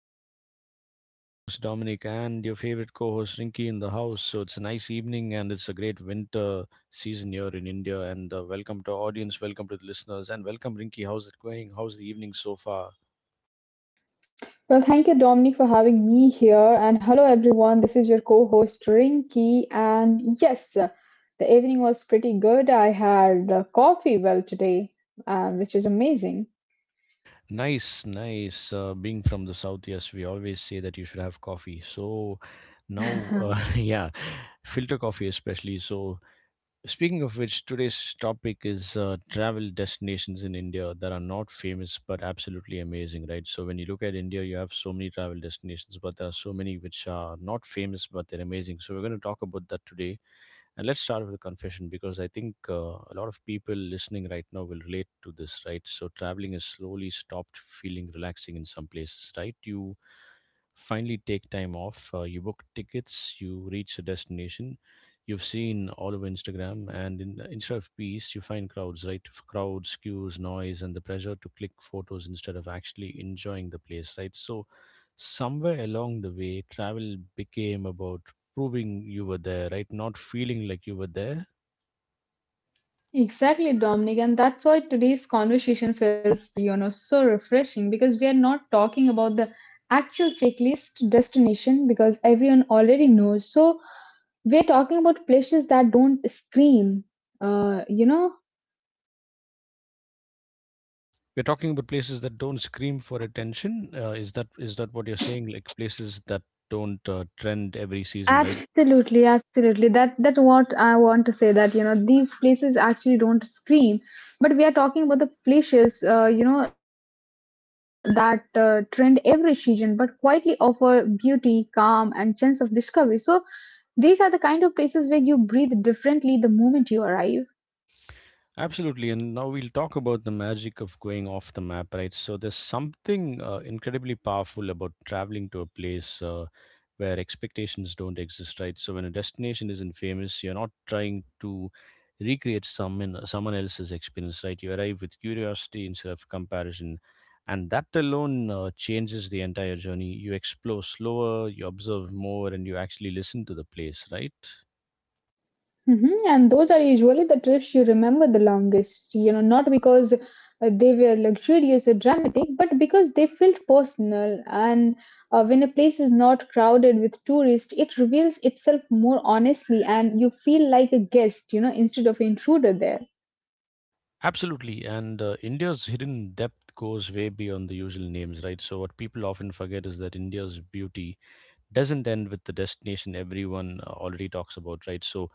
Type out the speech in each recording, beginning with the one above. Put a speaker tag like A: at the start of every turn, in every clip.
A: show. It's your favorite host, Dominic, and your favorite co host, Rinky, in the house. So it's a nice evening, and it's a great winter season here in India. And welcome to our audience, welcome to the listeners, and welcome, Rinky. How's it going? How's the evening so far?
B: Well, thank you, Dominic, for having me here. And hello, everyone. This is your co host, Rinky. And yes, the evening was pretty good. I had coffee well today, which is amazing.
A: Nice, nice. Being from the south, yes, we always say that you should have coffee. So now, yeah, filter coffee, especially. So speaking of which, today's topic is travel destinations in India that are not famous but absolutely amazing, right? So when you look at India, you have so many travel destinations, but there are so many which are not famous but they're amazing. So we're going to talk about that today. And let's start with a confession because I think a lot of people listening right now will relate to this, right? So traveling has slowly stopped feeling relaxing in some places, right? You finally take time off, you book tickets, you reach a destination you've seen all over Instagram, and instead of peace, you find crowds, right? Crowds, queues, noise, and the pressure to click photos instead of actually enjoying the place, right? So somewhere along the way, travel became about proving you were there, right? Not feeling like you were there.
B: Exactly, Dominic, and that's why today's conversation feels, so refreshing because we are not talking about the actual checklist destination because everyone already knows. So we're talking about places that don't scream, uh, you know,
A: We're talking about places that don't scream for attention. Is that what you're saying? Like places that don't trend every season, right?
B: Absolutely, absolutely. That's what I want to say. That you know these places actually don't scream, but we are talking about the places you know that trend every season, but quietly offer beauty, calm, and sense of discovery. So these are the kind of places where you breathe differently the moment you arrive.
A: Absolutely, and now we'll talk about the magic of going off the map, right? So there's something incredibly powerful about traveling to a place where expectations don't exist, right? So when a destination isn't famous, you're not trying to recreate someone else's experience, right? You arrive with curiosity instead of comparison, and that alone changes the entire journey. You explore slower, you observe more, and you actually listen to the place, right?
B: Mhm. And those are usually the trips you remember the longest, you know, not because they were luxurious or dramatic, but because they felt personal. And when a place is not crowded with tourists, it reveals itself more honestly, and you feel like a guest, you know, instead of intruder there.
A: Absolutely, and India's hidden depth goes way beyond the usual names, right? So what people often forget is that India's beauty doesn't end with the destination everyone already talks about, right? So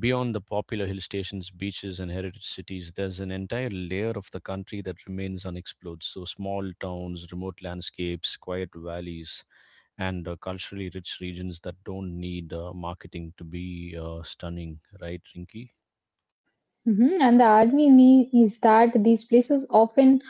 A: beyond the popular hill stations, beaches, and heritage cities, there's an entire layer of the country that remains unexplored. So small towns, remote landscapes, quiet valleys, and culturally rich regions that don't need marketing to be stunning, right, Rinky?
B: Mhm. And the irony is that these places often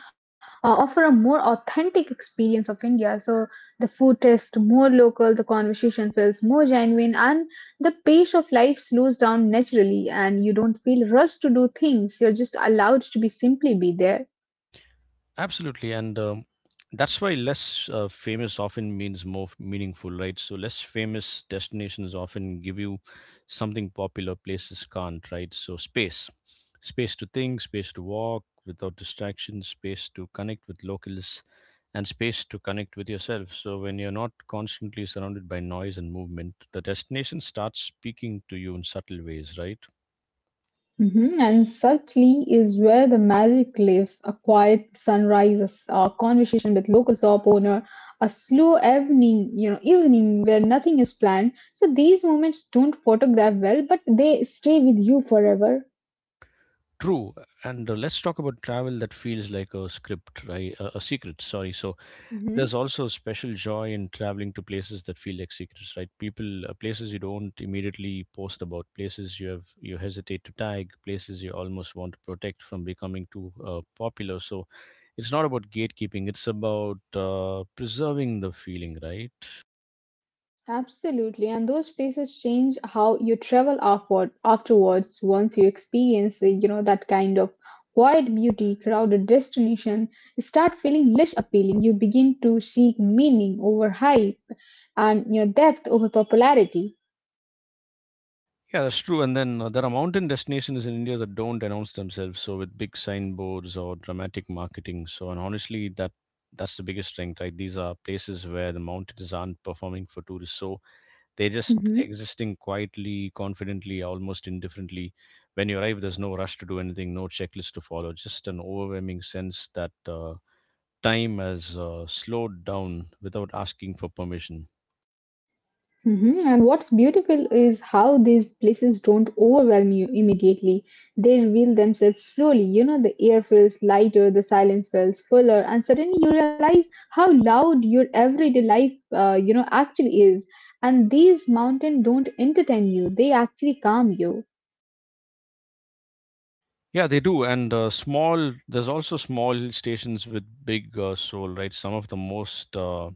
B: offer a more authentic experience of India. So the food tastes more local, the conversation feels more genuine, and the pace of life slows down naturally, and you don't feel rushed to do things. You're just allowed to be simply be there.
A: Absolutely, and that's why less famous often means more meaningful, right? So less famous destinations often give you something popular places can't, right? So space, space to think, space to walk without distractions, space to connect with locals, and space to connect with yourself. So when you're not constantly surrounded by noise and movement, the destination starts speaking to you in subtle ways, right?
B: Mhm. And subtly is where the magic lives. A quiet sunrise, a conversation with local shop owner, a slow evening, you know, evening where nothing is planned. So these moments don't photograph well, but they stay with you forever.
A: True, and let's talk about travel that feels like a script, right? A secret, sorry. So there's
B: Mhm.
A: also special joy in traveling to places that feel like secrets, right? People, places you don't immediately post about, places you have you hesitate to tag, places you almost want to protect from becoming too popular. So it's not about gatekeeping; it's about preserving the feeling, right?
B: Absolutely, and those places change how you travel afterwards once you experience, that kind of quiet beauty, crowded destination, you start feeling less appealing. You begin to seek meaning over hype and you know depth over popularity.
A: Yeah, that's true. And then there are mountain destinations in India that don't announce themselves, so with big signboards or dramatic marketing. So, and honestly, that's the biggest strength, right? These are places where the mountains aren't performing for tourists. So they're just
B: Mm-hmm.
A: existing quietly, confidently, almost indifferently. When you arrive, there's no rush to do anything, no checklist to follow, just an overwhelming sense that time has slowed down without asking for permission.
B: Mhm. And what's beautiful is how these places don't overwhelm you immediately. They reveal themselves slowly. You know, the air feels lighter, the silence feels fuller, and suddenly you realize how loud your everyday life, actually is. And these mountains don't entertain you; they actually calm you.
A: Yeah, they do. And there's also small hill stations with big soul, right? Some of the most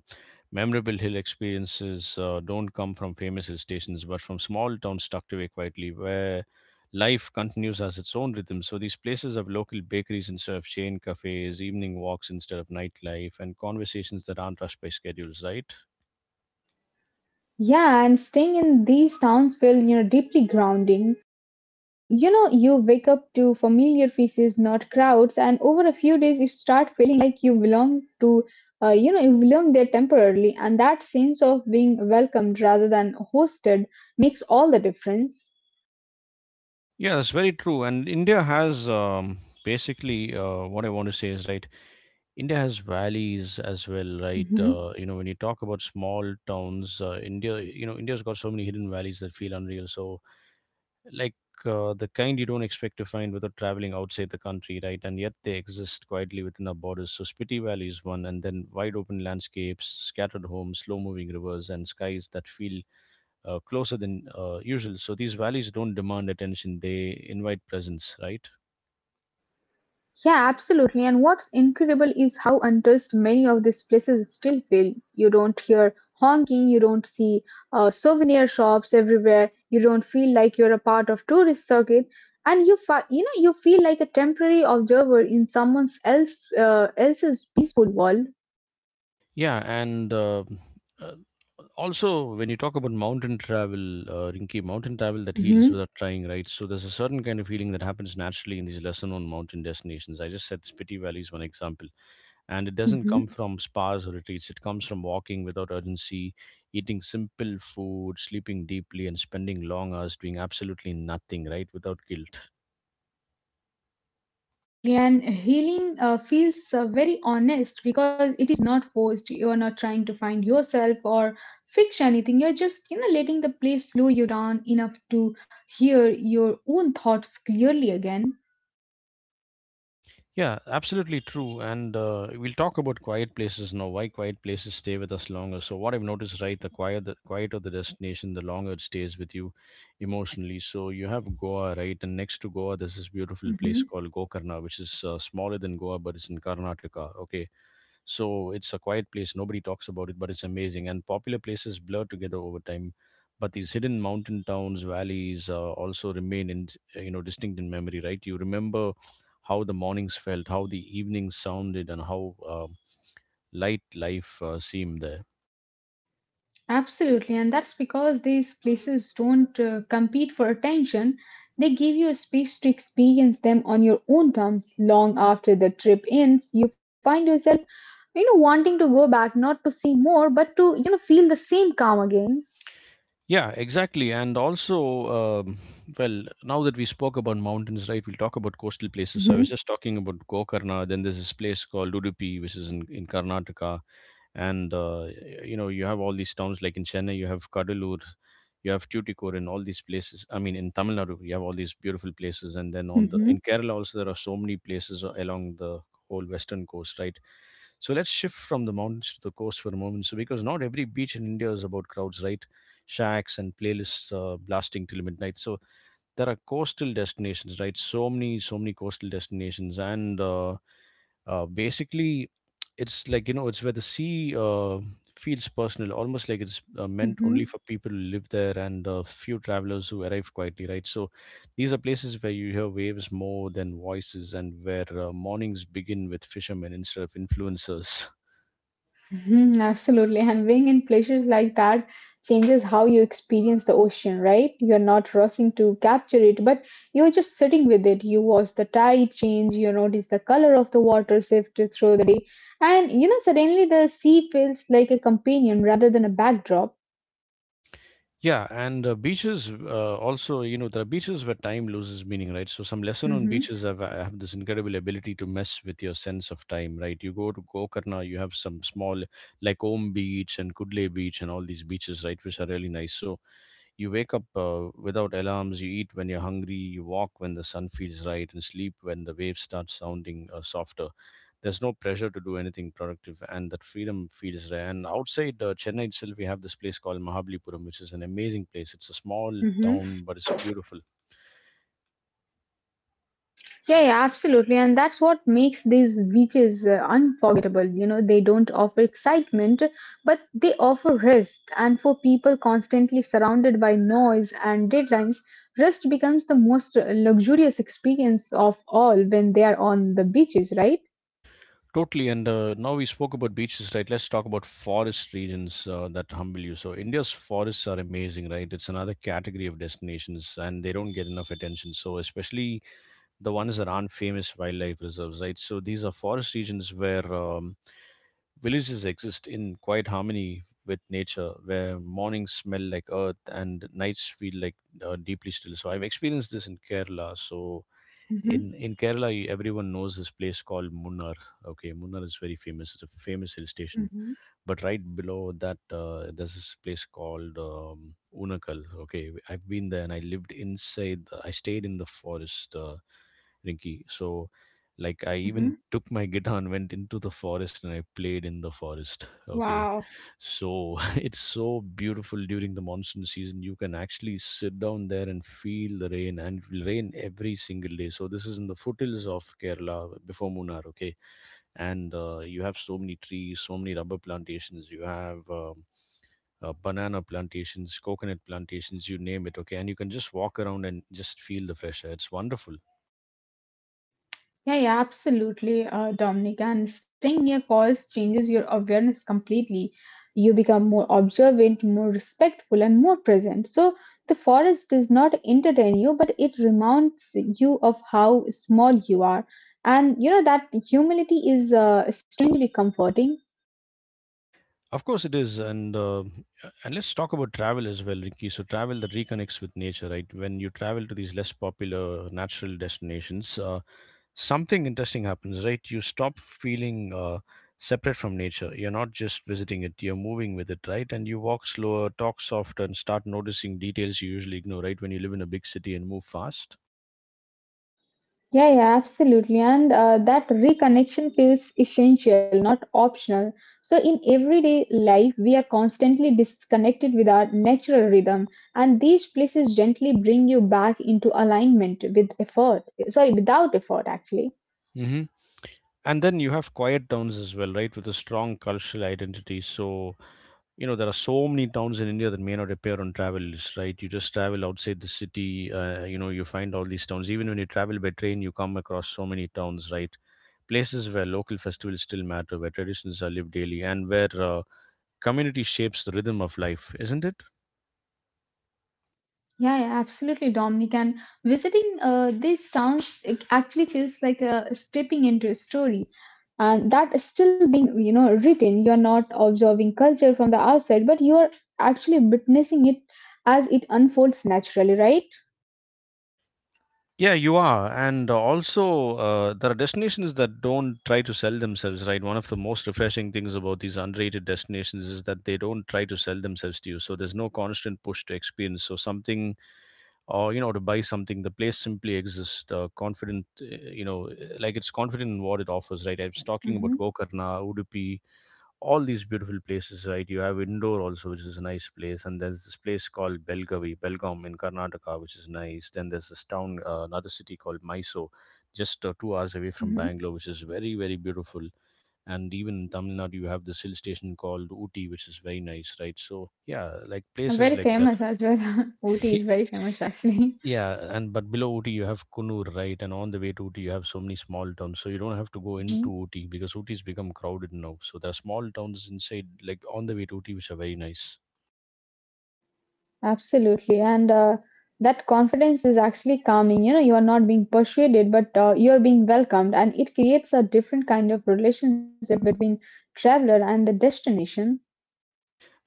A: memorable hill experiences don't come from famous hill stations, but from small towns tucked away quietly, where life continues as its own rhythm. So these places have local bakeries instead of chain cafes, evening walks instead of nightlife, and conversations that aren't rushed by schedules, right?
B: Yeah, and staying in these towns feel, you know, deeply grounding. You know, you wake up to familiar faces, not crowds, and over a few days you start feeling like you belong to, you belong there temporarily, and that sense of being welcomed rather than hosted makes all the difference.
A: Yeah, that's very true. And India has basically what I want to say is right. India has valleys as well, right?
B: Hmm.
A: You know, when you talk about small towns, you know, India's got so many hidden valleys that feel unreal. So like the kind you don't expect to find without traveling outside the country, right? And yet they exist quietly within our borders. So Spiti Valley is one, and then wide open landscapes, scattered homes, slow moving rivers, and skies that feel closer than usual. So these valleys don't demand attention; they invite presence, right?
B: Yeah, absolutely. And what's incredible is how untouched many of these places still feel. You don't hear honking, you don't see souvenir shops everywhere. You don't feel like you're a part of tourist circuit, and you know you feel like a temporary observer in someone else's peaceful world.
A: Yeah, and uh, also when you talk about mountain travel, Rinki, mountain travel that heals
B: Hmm.
A: without trying, right? So there's a certain kind of healing that happens naturally in these lesser-known mountain destinations. I just said Spiti Valley is one example, and it doesn't
B: Hmm.
A: come from spas or retreats. It comes from walking without urgency, eating simple food, sleeping deeply, and spending long hours doing absolutely nothing, right, without guilt.
B: Absolutely. And healing feels very honest because it is not forced. You are not trying to find yourself or fix anything. You're just, you know, letting the place slow you down enough to hear your own thoughts clearly again.
A: Yeah, absolutely true. And we'll talk about quiet places now, why quiet places stay with us longer. So what I've noticed, right, the quieter the destination, the longer it stays with you emotionally. So you have Goa, right, and next to Goa there's this beautiful place
B: Mm-hmm.
A: called Gokarna, which is smaller than Goa, but it's in Karnataka. Okay, so it's a quiet place. Nobody talks about it, but it's amazing. And popular places blur together over time. But these hidden mountain towns, valleys, also remain in you know, distinct in memory. Right? You remember how the mornings felt, how the evenings sounded, and how light life seemed there.
B: Absolutely, and that's because these places don't compete for attention. They give you a space to experience them on your own terms. Long after the trip ends, you find yourself, you know, wanting to go back, not to see more, but to, you know, feel the same calm again.
A: Yeah, exactly. And also, um, well, now that we spoke about mountains, right, we'll talk about coastal places. So I was
B: Hmm.
A: just talking about Gokarna. Then there's this place called Udupi, which is in Karnataka, and you know, you have all these towns, like in Chennai you have Kadalur, you have Tuticorin and all these places. I mean, in Tamil Nadu you have all these beautiful places, and then on the in
B: Hmm.
A: Kerala also there are so many places along the whole western coast, right? So let's shift from the mountains to the coast for a moment. So because not every beach in India is about crowds, right, shacks and playlists blasting till midnight. So there are coastal destinations, right, so many, so many coastal destinations, and basically it's like, you know, it's where the sea feels personal, almost like it's meant only for
B: Hmm.
A: people who live there and few travelers who arrive quietly, right? So these are places where you hear waves more than voices and where mornings begin with fishermen instead of influencers.
B: Mhm. Absolutely. And being in places like that changes how you experience the ocean, right? You're not rushing to capture it, but you're just sitting with it. You watch the tide change, you notice the color of the water shift through the day. And, you know, suddenly the sea feels like a companion rather than a backdrop.
A: Yeah, and beaches also, you know, there are beaches where time loses meaning, right? So some lesson on
B: Hmm.
A: beaches have this incredible ability to mess with your sense of time, right? You go to Gokarna, you have some small, like Om Beach and Kudle Beach and all these beaches, right, which are really nice. So you wake up without alarms, you eat when you're hungry, you walk when the sun feels right, and sleep when the waves start sounding softer. There's no pressure to do anything productive, and that freedom feels rare. And outside Chennai itself we have this place called Mahabalipuram, which is an amazing place. It's a small town,
B: Hmm.
A: but it's beautiful.
B: Yeah, yeah, absolutely. And that's what makes these beaches unforgettable. You know, they don't offer excitement, but they offer rest. And for people constantly surrounded by noise and deadlines, rest becomes the most luxurious experience of all when they are on the beaches, right?
A: Totally, and now we spoke about beaches, right? Let's talk about forest regions that humble you. So India's forests are amazing, right? It's another category of destinations, and they don't get enough attention. So especially the ones that aren't famous wildlife reserves, right? So these are forest regions where villages exist in quiet harmony with nature, where mornings smell like earth and nights feel like deeply still. So I've experienced this in Kerala. So
B: Mm-hmm,
A: in Kerala, everyone knows this place called Munnar. Okay, Munnar is very famous. It's a famous hill station,
B: mm-hmm,
A: but right below that there's this place called Unakal. Okay, I've been there and I lived inside. I stayed in the forest, Rinky. So, like, I
B: mm-hmm.
A: even took my guitar and went into the forest and I played in the forest. Okay,
B: Wow.
A: so it's so beautiful during the monsoon season. You can actually sit down there and feel the rain, and it will rain every single day. So this is in the foothills of Kerala before Munnar. Okay, and you have so many trees, so many rubber plantations. You have banana plantations, coconut plantations, you name it. Okay, and you can just walk around and just feel the fresh air. It's wonderful.
B: Yeah, yeah, absolutely, Dominic. And staying near calls changes your awareness completely. You become more observant, more respectful, and more present. So the forest does not entertain you, but it reminds you of how small you are. And you know that humility is strangely comforting.
A: Of course, it is, and let's talk about travel as well, Ricky. So, travel that reconnects with nature, right? When you travel to these less popular natural destinations, something interesting happens, right? You stop feeling separate from nature. You're not just visiting it, you're moving with it, right? And you walk slower, talk softer, and start noticing details you usually ignore, right? When you live in a big city and move fast.
B: Yeah, yeah, absolutely. And that reconnection feels essential, not optional. So, in everyday life, we are constantly disconnected with our natural rhythm, and these places gently bring you back into alignment with effort. Sorry, without effort, actually.
A: Hmm. And then you have quiet towns as well, right? With a strong cultural identity. So there are so many towns in India that may not appear on travel lists, right? You just travel outside the city, you find all these towns. Even when you travel by train, you come across so many towns, right? Places where local festivals still matter, where traditions are lived daily, and where community shapes the rhythm of life, isn't it?
B: Yeah, yeah, absolutely, Dominic. And visiting these towns it actually feels like stepping into a story, and that is still being, you know, written. You are not observing culture from the outside, but you are actually witnessing it as it unfolds naturally, right?
A: Yeah, you are. And also, there are destinations that don't try to sell themselves, right? One of the most refreshing things about these unrated destinations is that they don't try to sell themselves to you, so there's no constant push to experience something, or to buy something. The place simply exists, confident, like it's confident in what it offers, right? I was talking about
B: Mm-hmm.
A: Gokarna, Udupi, all these beautiful places, right? You have Indore also, which is a nice place, and there's this place called Belgavi, Belgaum in Karnataka, which is nice. Then there's this town, another city called Mysore, just 2 hours away from
B: Mm-hmm.
A: Bangalore, which is very very beautiful. And even in Tamil Nadu you have this hill station called Uti, which is very nice, right? So yeah, like places
B: Very
A: like
B: famous
A: that.
B: as well. Ooty is very famous, actually.
A: Yeah, and but below Ooty you have Kunur, right? And on the way to Ooty you have so many small towns, so you don't have to go into Ooty because Ooty's become crowded now. So there are small towns inside, like on the way to Ooty, which are very nice.
B: Absolutely. And that confidence is actually calming. You know, you are not being persuaded, but you are being welcomed. And it creates a different kind of relationship between traveler and the destination.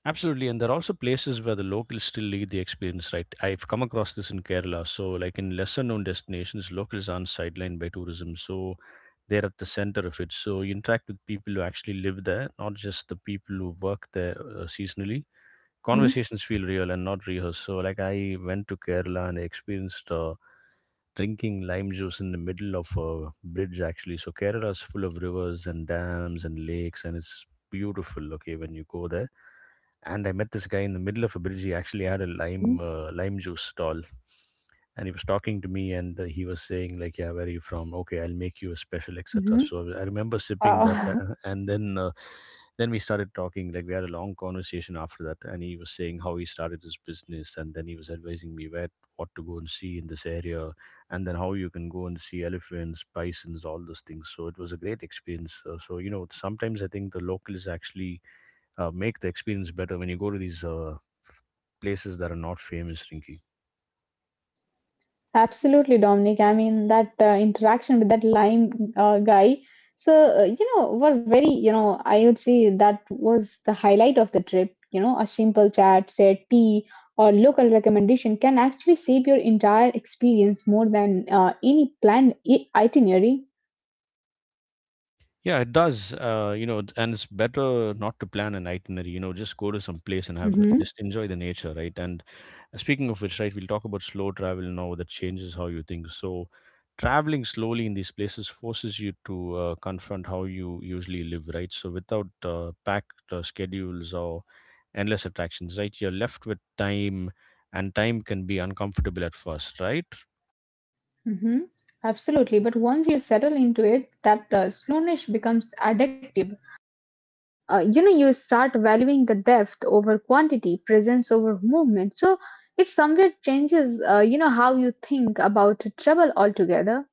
A: Absolutely, and there are also places where the locals still lead the experience, right? I've come across this in Kerala. So, like in lesser-known destinations, locals aren't sidelined by tourism, so they're at the center of it. So you interact with people who actually live there, not just the people who work there seasonally.
B: Hmm.
A: Conversations feel real and not rehearsed. So, like, I went to Kerala and I experienced drinking lime juice in the middle of a bridge, actually. So Kerala is full of rivers and dams and lakes, and it's beautiful. Okay, when you go there, and I met this guy in the middle of a bridge. He actually had a lime juice stall, and he was talking to me, and he was saying like, yeah, where are you from, okay, I'll make you a special, etc.
B: Hmm.
A: So I remember sipping that.
B: Wow.
A: And then we started talking, like, we had a long conversation after that, and he was saying how he started his business. And then he was advising me where what to go and see in this area, and then how you can go and see elephants, bisons, all those things. So it was a great experience. So, sometimes I think the locals actually make the experience better when you go to these f- places that are not famous, Rinky.
B: Absolutely, Dominic. I mean, that interaction with that lime guy. So, you know, were very, you know, I would say that was the highlight of the trip. You know, a simple chat, say tea, or local recommendation can actually save your entire experience more than any planned itinerary.
A: Yeah, it does. And it's better not to plan an itinerary. Just go to some place and have
B: Mm-hmm,
A: just enjoy the nature, right? And speaking of which, right, we'll talk about slow travel now that changes how you think. So, traveling slowly in these places forces you to confront how you usually live, right? So, without packed schedules or endless attractions, right, you're left with time, and time can be uncomfortable at first, right?
B: mm-hmm. Absolutely. But once you settle into it, that slowness becomes addictive. You know you start valuing the depth over quantity presence over movement so it somewhere changes you know how you think about travel altogether.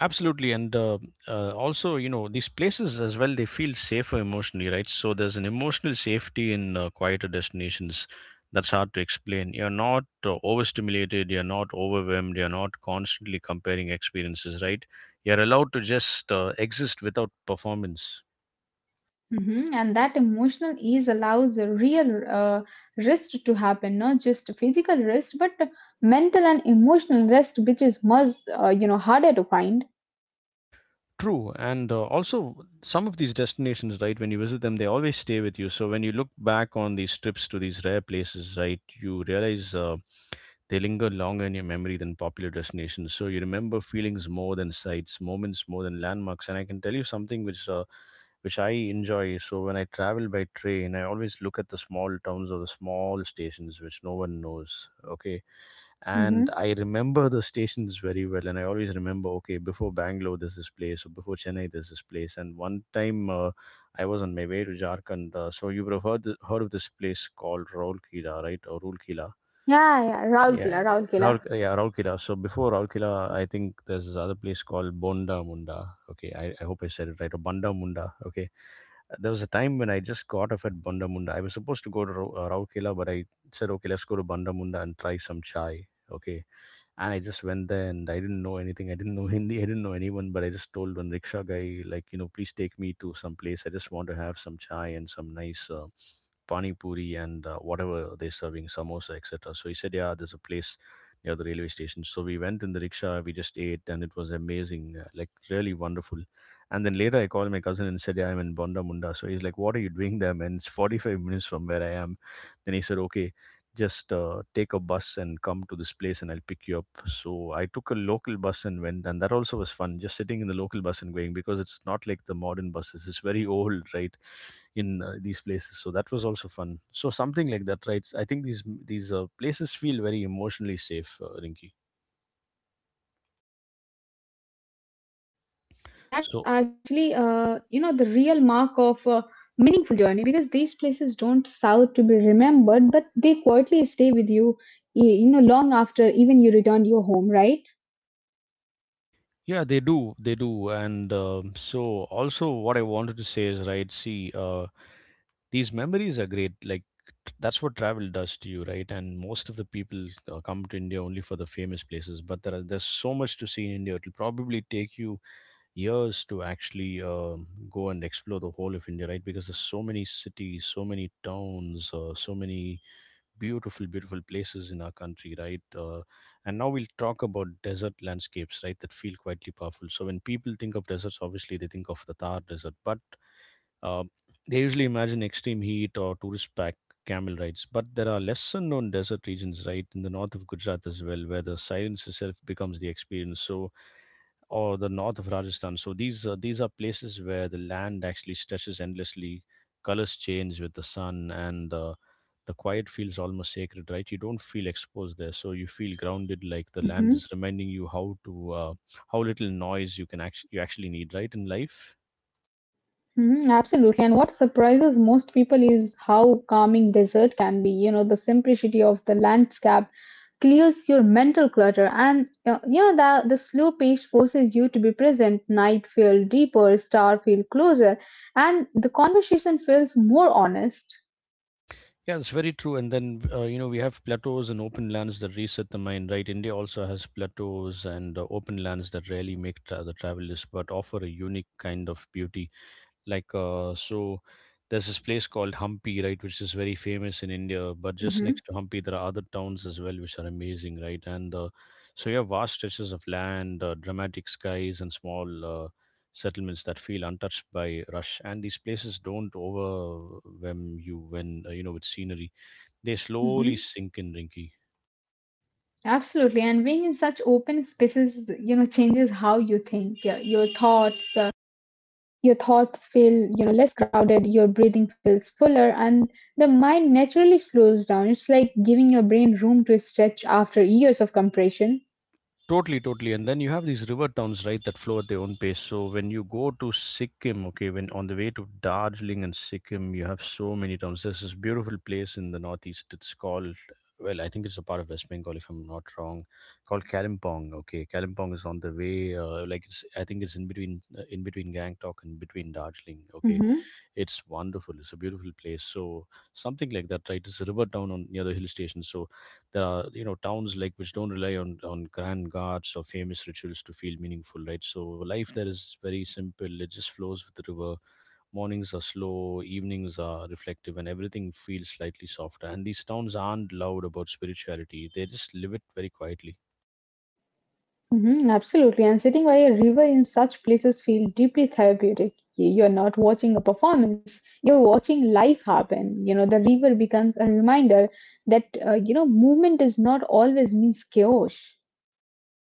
A: Absolutely, and also, these places as well, they feel safer emotionally, right? So there's an emotional safety in quieter destinations that's hard to explain. You're not overstimulated, you're not overwhelmed, you're not constantly comparing experiences, right? You're allowed to just exist without performance.
B: Mhm. And that emotional ease allows a real uh, rest to happen, not just physical rest but mental and emotional rest, which is much you know harder to find.
A: True, and also some of these destinations, right? When you visit them, they always stay with you. So when you look back on these trips to these rare places, right, you realize. They linger longer in your memory than popular destinations. So you remember feelings more than sights, moments more than landmarks. And I can tell you something which I enjoy. So when I travel by train, I always look at the small towns or the small stations which no one knows. Okay, and I
B: Mhm.
A: remember the stations very well, and I always remember. Okay, before Bangalore, there's this place, or before Chennai, there's this place. And one time, I was on my way to Jharkhand. So you would have heard, heard of this place called Raulkila, right, or Roolkila.
B: Yeah, yeah, Rahul
A: Yeah, Raul,
B: Killa.
A: yeah, Raulkela. So before Raulkela, I think there's this other place called Bonda Munda. Okay, I hope I said it right. Or Banda Munda. Okay, there was a time when I just got off at Banda Munda. I was supposed to go to Raulkela, but I said, okay, let's go to Banda Munda and try some chai. Okay, and I just went there and I didn't know anything. I didn't know Hindi. I didn't know anyone, but I just told one rickshaw guy, like, please take me to some place. I just want to have some chai and some nice pani puri and whatever they're serving, samosa, etc. So he said, yeah, there's a place near the railway station. So we went in the rickshaw. We just ate, and it was amazing, like really wonderful. And then later, I called my cousin and said, yeah, I'm in Bonda Munda. So he's like, what are you doing there, man? It's 45 minutes from where I am. Then he said, okay, just take a bus and come to this place and I'll pick you up. So I took a local bus and went, and that also was fun, just sitting in the local bus and going because it's not like the modern buses, it's very old, right? In these places, so that was also fun. So something like that, right? I think these places feel very emotionally safe, Rinky.
B: Yeah, yeah, absolutely. And that's
A: So
B: actually, you know, the real mark of a meaningful journey because these places don't serve to be remembered, but they quietly stay with you, you know, long after even you return your home, right?
A: yeah, they do, and so also what I wanted to say is, right, see, these memories are great, like, that's what travel does to you, right? And most of the people come to India only for the famous places, but there's so much to see in India. It'll probably take you years to actually go and explore the whole of India, right? Because there's so many cities, so many towns, so many beautiful beautiful places in our country, right. And now we'll talk about desert landscapes, right, that feel quietly powerful. So when people think of deserts, obviously they think of the Thar Desert, but uh, they usually imagine extreme heat or tourist pack camel rides, but there are less unknown desert regions, right, in the north of Gujarat as well, where the silence itself becomes the experience. So, or the north of Rajasthan. So these are places where the land actually stretches endlessly, colors change with the sun, and the quiet feels almost sacred, right? You don't feel exposed there, so you feel grounded, like the land is
B: Mhm.
A: reminding you how little noise you actually need, right, in life.
B: Mhm, absolutely. And what surprises most people is how calming desert can be. You know, the simplicity of the landscape clears your mental clutter, and you know the slow pace forces you to be present. Night feel deeper, star feel closer, and the conversation feels more honest.
A: Yeah, it's very true. And then, we have plateaus and open lands that reset the mind, right? India also has plateaus and open lands that rarely make the travel list, but offer a unique kind of beauty, like, so there's this place called Hampi, right, which is very famous in India. But just next
B: Hmm.
A: to Hampi, there are other towns as well, which are amazing, right? And so you have vast stretches of land, dramatic skies, and small settlements that feel untouched by rush. And these places don't overwhelm you when with scenery; they
B: Hmm.
A: slowly sink in, Rinky.
B: Absolutely. And being in such open spaces, you know, changes how you think. Yeah, your your thoughts feel you know less crowded, your breathing feels fuller, and the mind naturally slows down. It's like giving your brain room to stretch after years of compression.
A: Totally, totally. And then you have these river towns, right, that flow at their own pace. So when you go to Sikkim, okay, when on the way to Darjeeling and Sikkim, you have so many towns. There's this beautiful place in the northeast. It's called, well, I think it's a part of West Bengal, if I'm not wrong, called Kalimpong. Okay, Kalimpong is on the way. I think it's in between Gangtok and between Darjeeling. Okay,
B: Hmm.
A: it's wonderful. It's a beautiful place. So something like that, right? It's a river town on near the hill station. So there are towns like which don't rely on grand gods or famous rituals to feel meaningful, right? So life there is very simple. It just flows with the river. Mornings are slow, evenings are reflective, and everything feels slightly softer. And these towns aren't loud about spirituality. They just live it very quietly.
B: Hmm. Absolutely, and sitting by a river in such places feel deeply therapeutic. You're not watching a performance, you're watching life happen. You know, the river becomes a reminder that you know movement does not always mean chaos.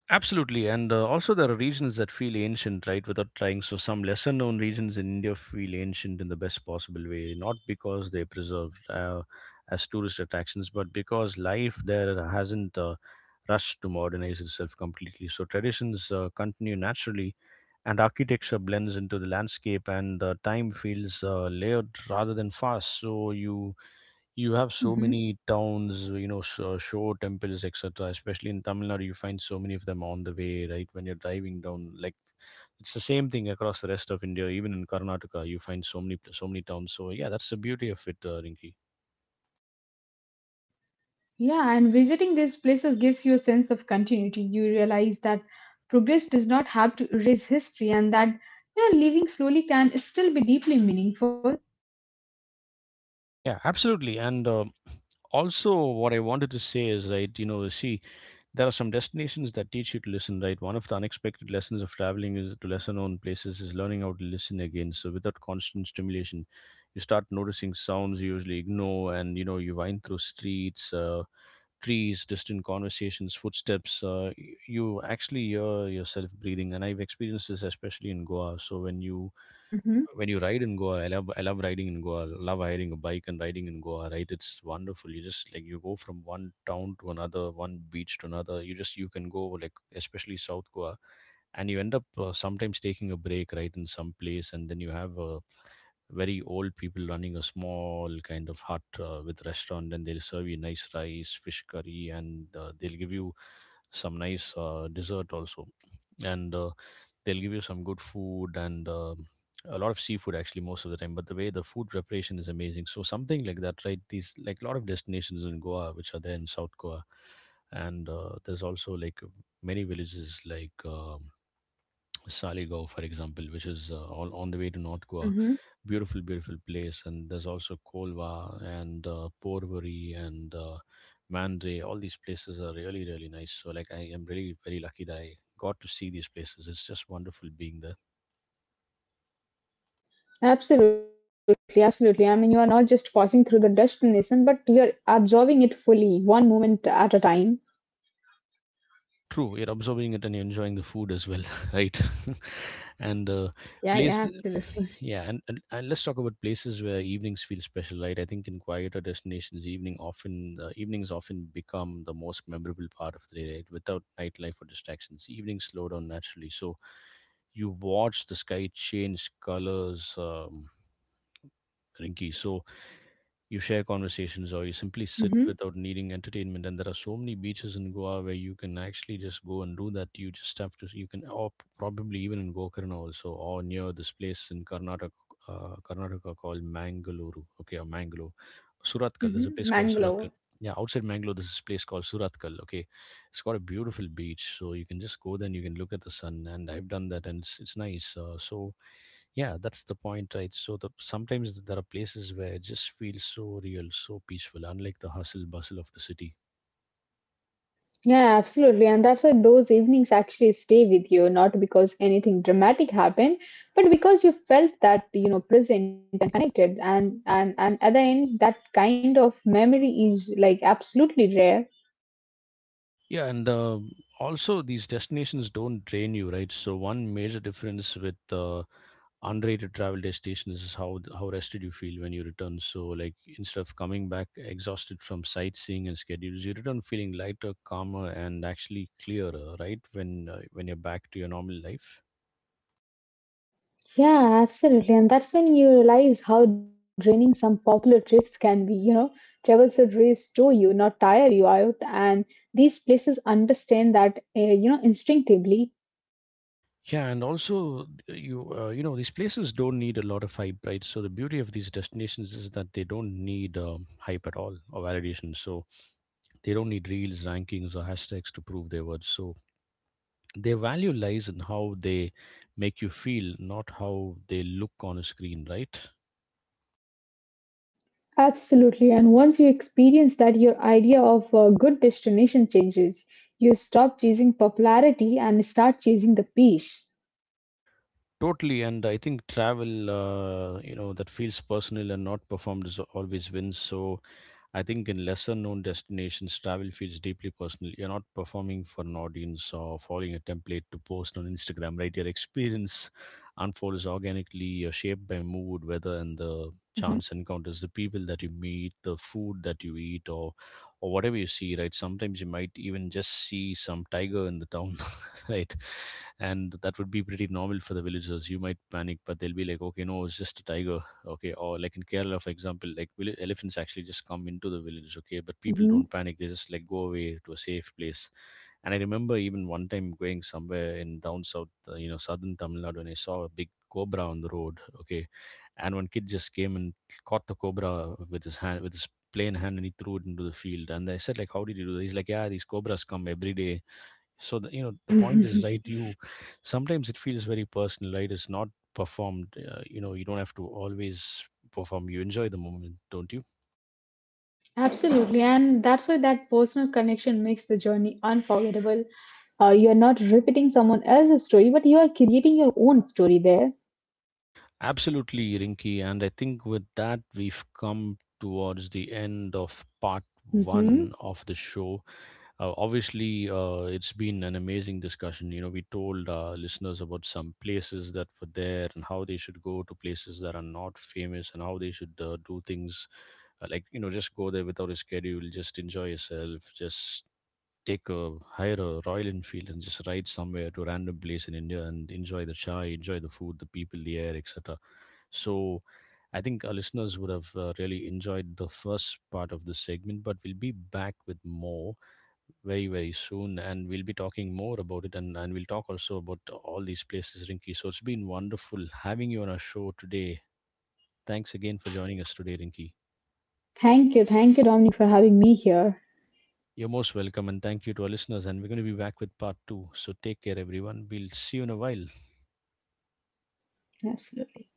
A: Absolutely, and also there are regions that feel ancient, right? Without trying, so some lesser-known regions in India feel ancient in the best possible way, not because they preserved as tourist attractions, but because life there hasn't rushed to modernize itself completely. So traditions continue naturally, and architecture blends into the landscape, and time feels layered rather than fast. So you have so
B: Hmm.
A: many towns, you know, so show temples etc. especially in Tamil Nadu. You find so many of them on the way, right, when you're driving down, like it's the same thing across the rest of India. Even in Karnataka you find so many, towns. So yeah, that's the beauty of it, Rinki.
B: Yeah, and visiting these places gives you a sense of continuity. You realize that progress does not have to erase history, and that you know, living slowly can still be deeply meaningful.
A: Yeah, absolutely. And also, what I wanted to say is, right, you know, see, there are some destinations that teach you to listen, right? One of the unexpected lessons of traveling is to lesser known places is learning how to listen again. So without constant stimulation, you start noticing sounds you usually ignore, and you know you wind through streets. Trees, distant conversations, footsteps. You actually hear yourself breathing, and I've experienced this especially in Goa. So when you
B: Hmm.
A: when you ride in Goa, I love riding in Goa. Love hiring a bike and riding in Goa. Right, it's wonderful. You just, like, you go from one town to another, one beach to another. You can go, like, especially South Goa, and you end up sometimes taking a break right in some place, and then you have a very old people running a small kind of hut with restaurant and they'll serve you nice rice fish curry and they'll give you some nice dessert also, and they'll give you some good food, and a lot of seafood, actually, most of the time. But the way the food preparation is amazing. So something like that, right? These, like, a lot of destinations in Goa which are there in South Goa, and there's also like many villages like Saligaon, for example, which is all on the way to North Goa.
B: Hmm.
A: Beautiful, beautiful place. And there's also Kolva and Porvory and Mandre. All these places are really, really nice. So, like, I am really very lucky that I got to see these places. It's just wonderful being there.
B: Absolutely, absolutely. I mean, you are not just passing through the destination, but you're absorbing it fully, one moment at a time.
A: True, you're absorbing it and you're enjoying the food as well, right? And the
B: Yeah, yeah,
A: place,
B: absolutely.
A: yeah. And, and let's talk about places where evenings feel special, right? I think in quieter destinations, evening often the evenings often become the most memorable part of the day, right? Without nightlife or distractions, evenings slow down naturally. So you watch the sky change colors, Rinky. So you share conversations or you simply sit
B: Hmm.
A: without needing entertainment. And there are so many beaches in Goa where you can actually just go and do that. You just have to, you can, or probably even in Gokarna also, or near this place in Karnataka, Karnataka called Mangaluru. Okay, or Mangalore. Suratkal. There's
B: Hmm.
A: a place called
B: Mangalore.
A: Suratkal. Yeah, outside Mangalore, there's this place called Suratkal. Okay, it's got a beautiful beach, so you can just go there and you can look at the sun. And I've done that, and it's nice. So yeah, that's the point, right? So the sometimes there are places where it just feels so real, so peaceful, unlike the hustle bustle of the city.
B: Yeah, absolutely. And that's why those evenings actually stay with you, not because anything dramatic happened, but because you felt that, you know, present and connected. And at the end, that kind of memory is like absolutely rare.
A: Yeah, and also these destinations don't drain you, right? So one major difference with unrated travel destinations is how rested you feel when you return. So, like, instead of coming back exhausted from sightseeing and schedules, you return feeling lighter, calmer, and actually clearer, right? When you're back to your normal life.
B: Yeah, absolutely. And that's when you realize how draining some popular trips can be. You know, travel should restore you, not tire you out. And these places understand that, you know, instinctively.
A: Yeah, and also you, you know, these places don't need a lot of hype, right? So the beauty of these destinations is that they don't need hype at all or validation. So they don't need reels, rankings, or hashtags to prove their words. So their value lies in how they make you feel, not how they look on a screen, right?
B: Absolutely. And once you experience that, your idea of a good destination changes. You stop chasing popularity and start chasing the peace.
A: Totally, and I think travel, that feels personal and not performed is always wins. So I think in lesser known destinations, travel feels deeply personal. You're not performing for an audience or following a template to post on Instagram, right? Your experience unfolds organically. You're shaped by mood, weather, and the chance encounters, the people that you meet, the food that you eat, or whatever you see, right? Sometimes you might even just see some tiger in the town, right? And that would be pretty normal for the villagers. You might panic, but they'll be like, okay, no, it's just a tiger, okay? Or like in Kerala, for example, like elephants actually just come into the village, okay? But people don't
B: Mhm. Mhm.
A: panic; they just, like, go away to a safe place. And I remember even one time going somewhere in down south, southern Tamil Nadu, and I saw a big cobra on the road, okay? And one kid just came and caught the cobra with his hand, with his plain hand, and he threw it into the field. And I said, like, how did you do that? He's like, yeah, these cobras come every day. So the, you know, the point is, right, you sometimes it feels very personal, right? It's not performed. You don't have to always perform. You enjoy the moment, don't you?
B: Absolutely. And that's why that personal connection makes the journey unforgettable. You're not repeating someone else's story, but you are creating your own story there.
A: Absolutely, Rinky. And I think with that, we've come towards the end of part
B: Hmm.
A: one of the show. Obviously, it's been an amazing discussion. You know, we told our listeners about some places that were there and how they should go to places that are not famous and how they should do things, just go there without a schedule, just enjoy yourself, just take a hire a Royal Enfield and just ride somewhere to a random place in India and enjoy the chai, enjoy the food, the people, the air, etc. So, I think our listeners would have really enjoyed the first part of this segment, but we'll be back with more very soon, and we'll be talking more about it. And, we'll talk also about all these places, Rinky. So it's been wonderful having you on our show today. Thanks again for joining us today, Rinky.
B: Thank you. Thank you, Dominic, for having me here.
A: You're most welcome, and thank you to our listeners. And we're going to be back with part two, so take care everyone, we'll see you in a while.
B: Absolutely.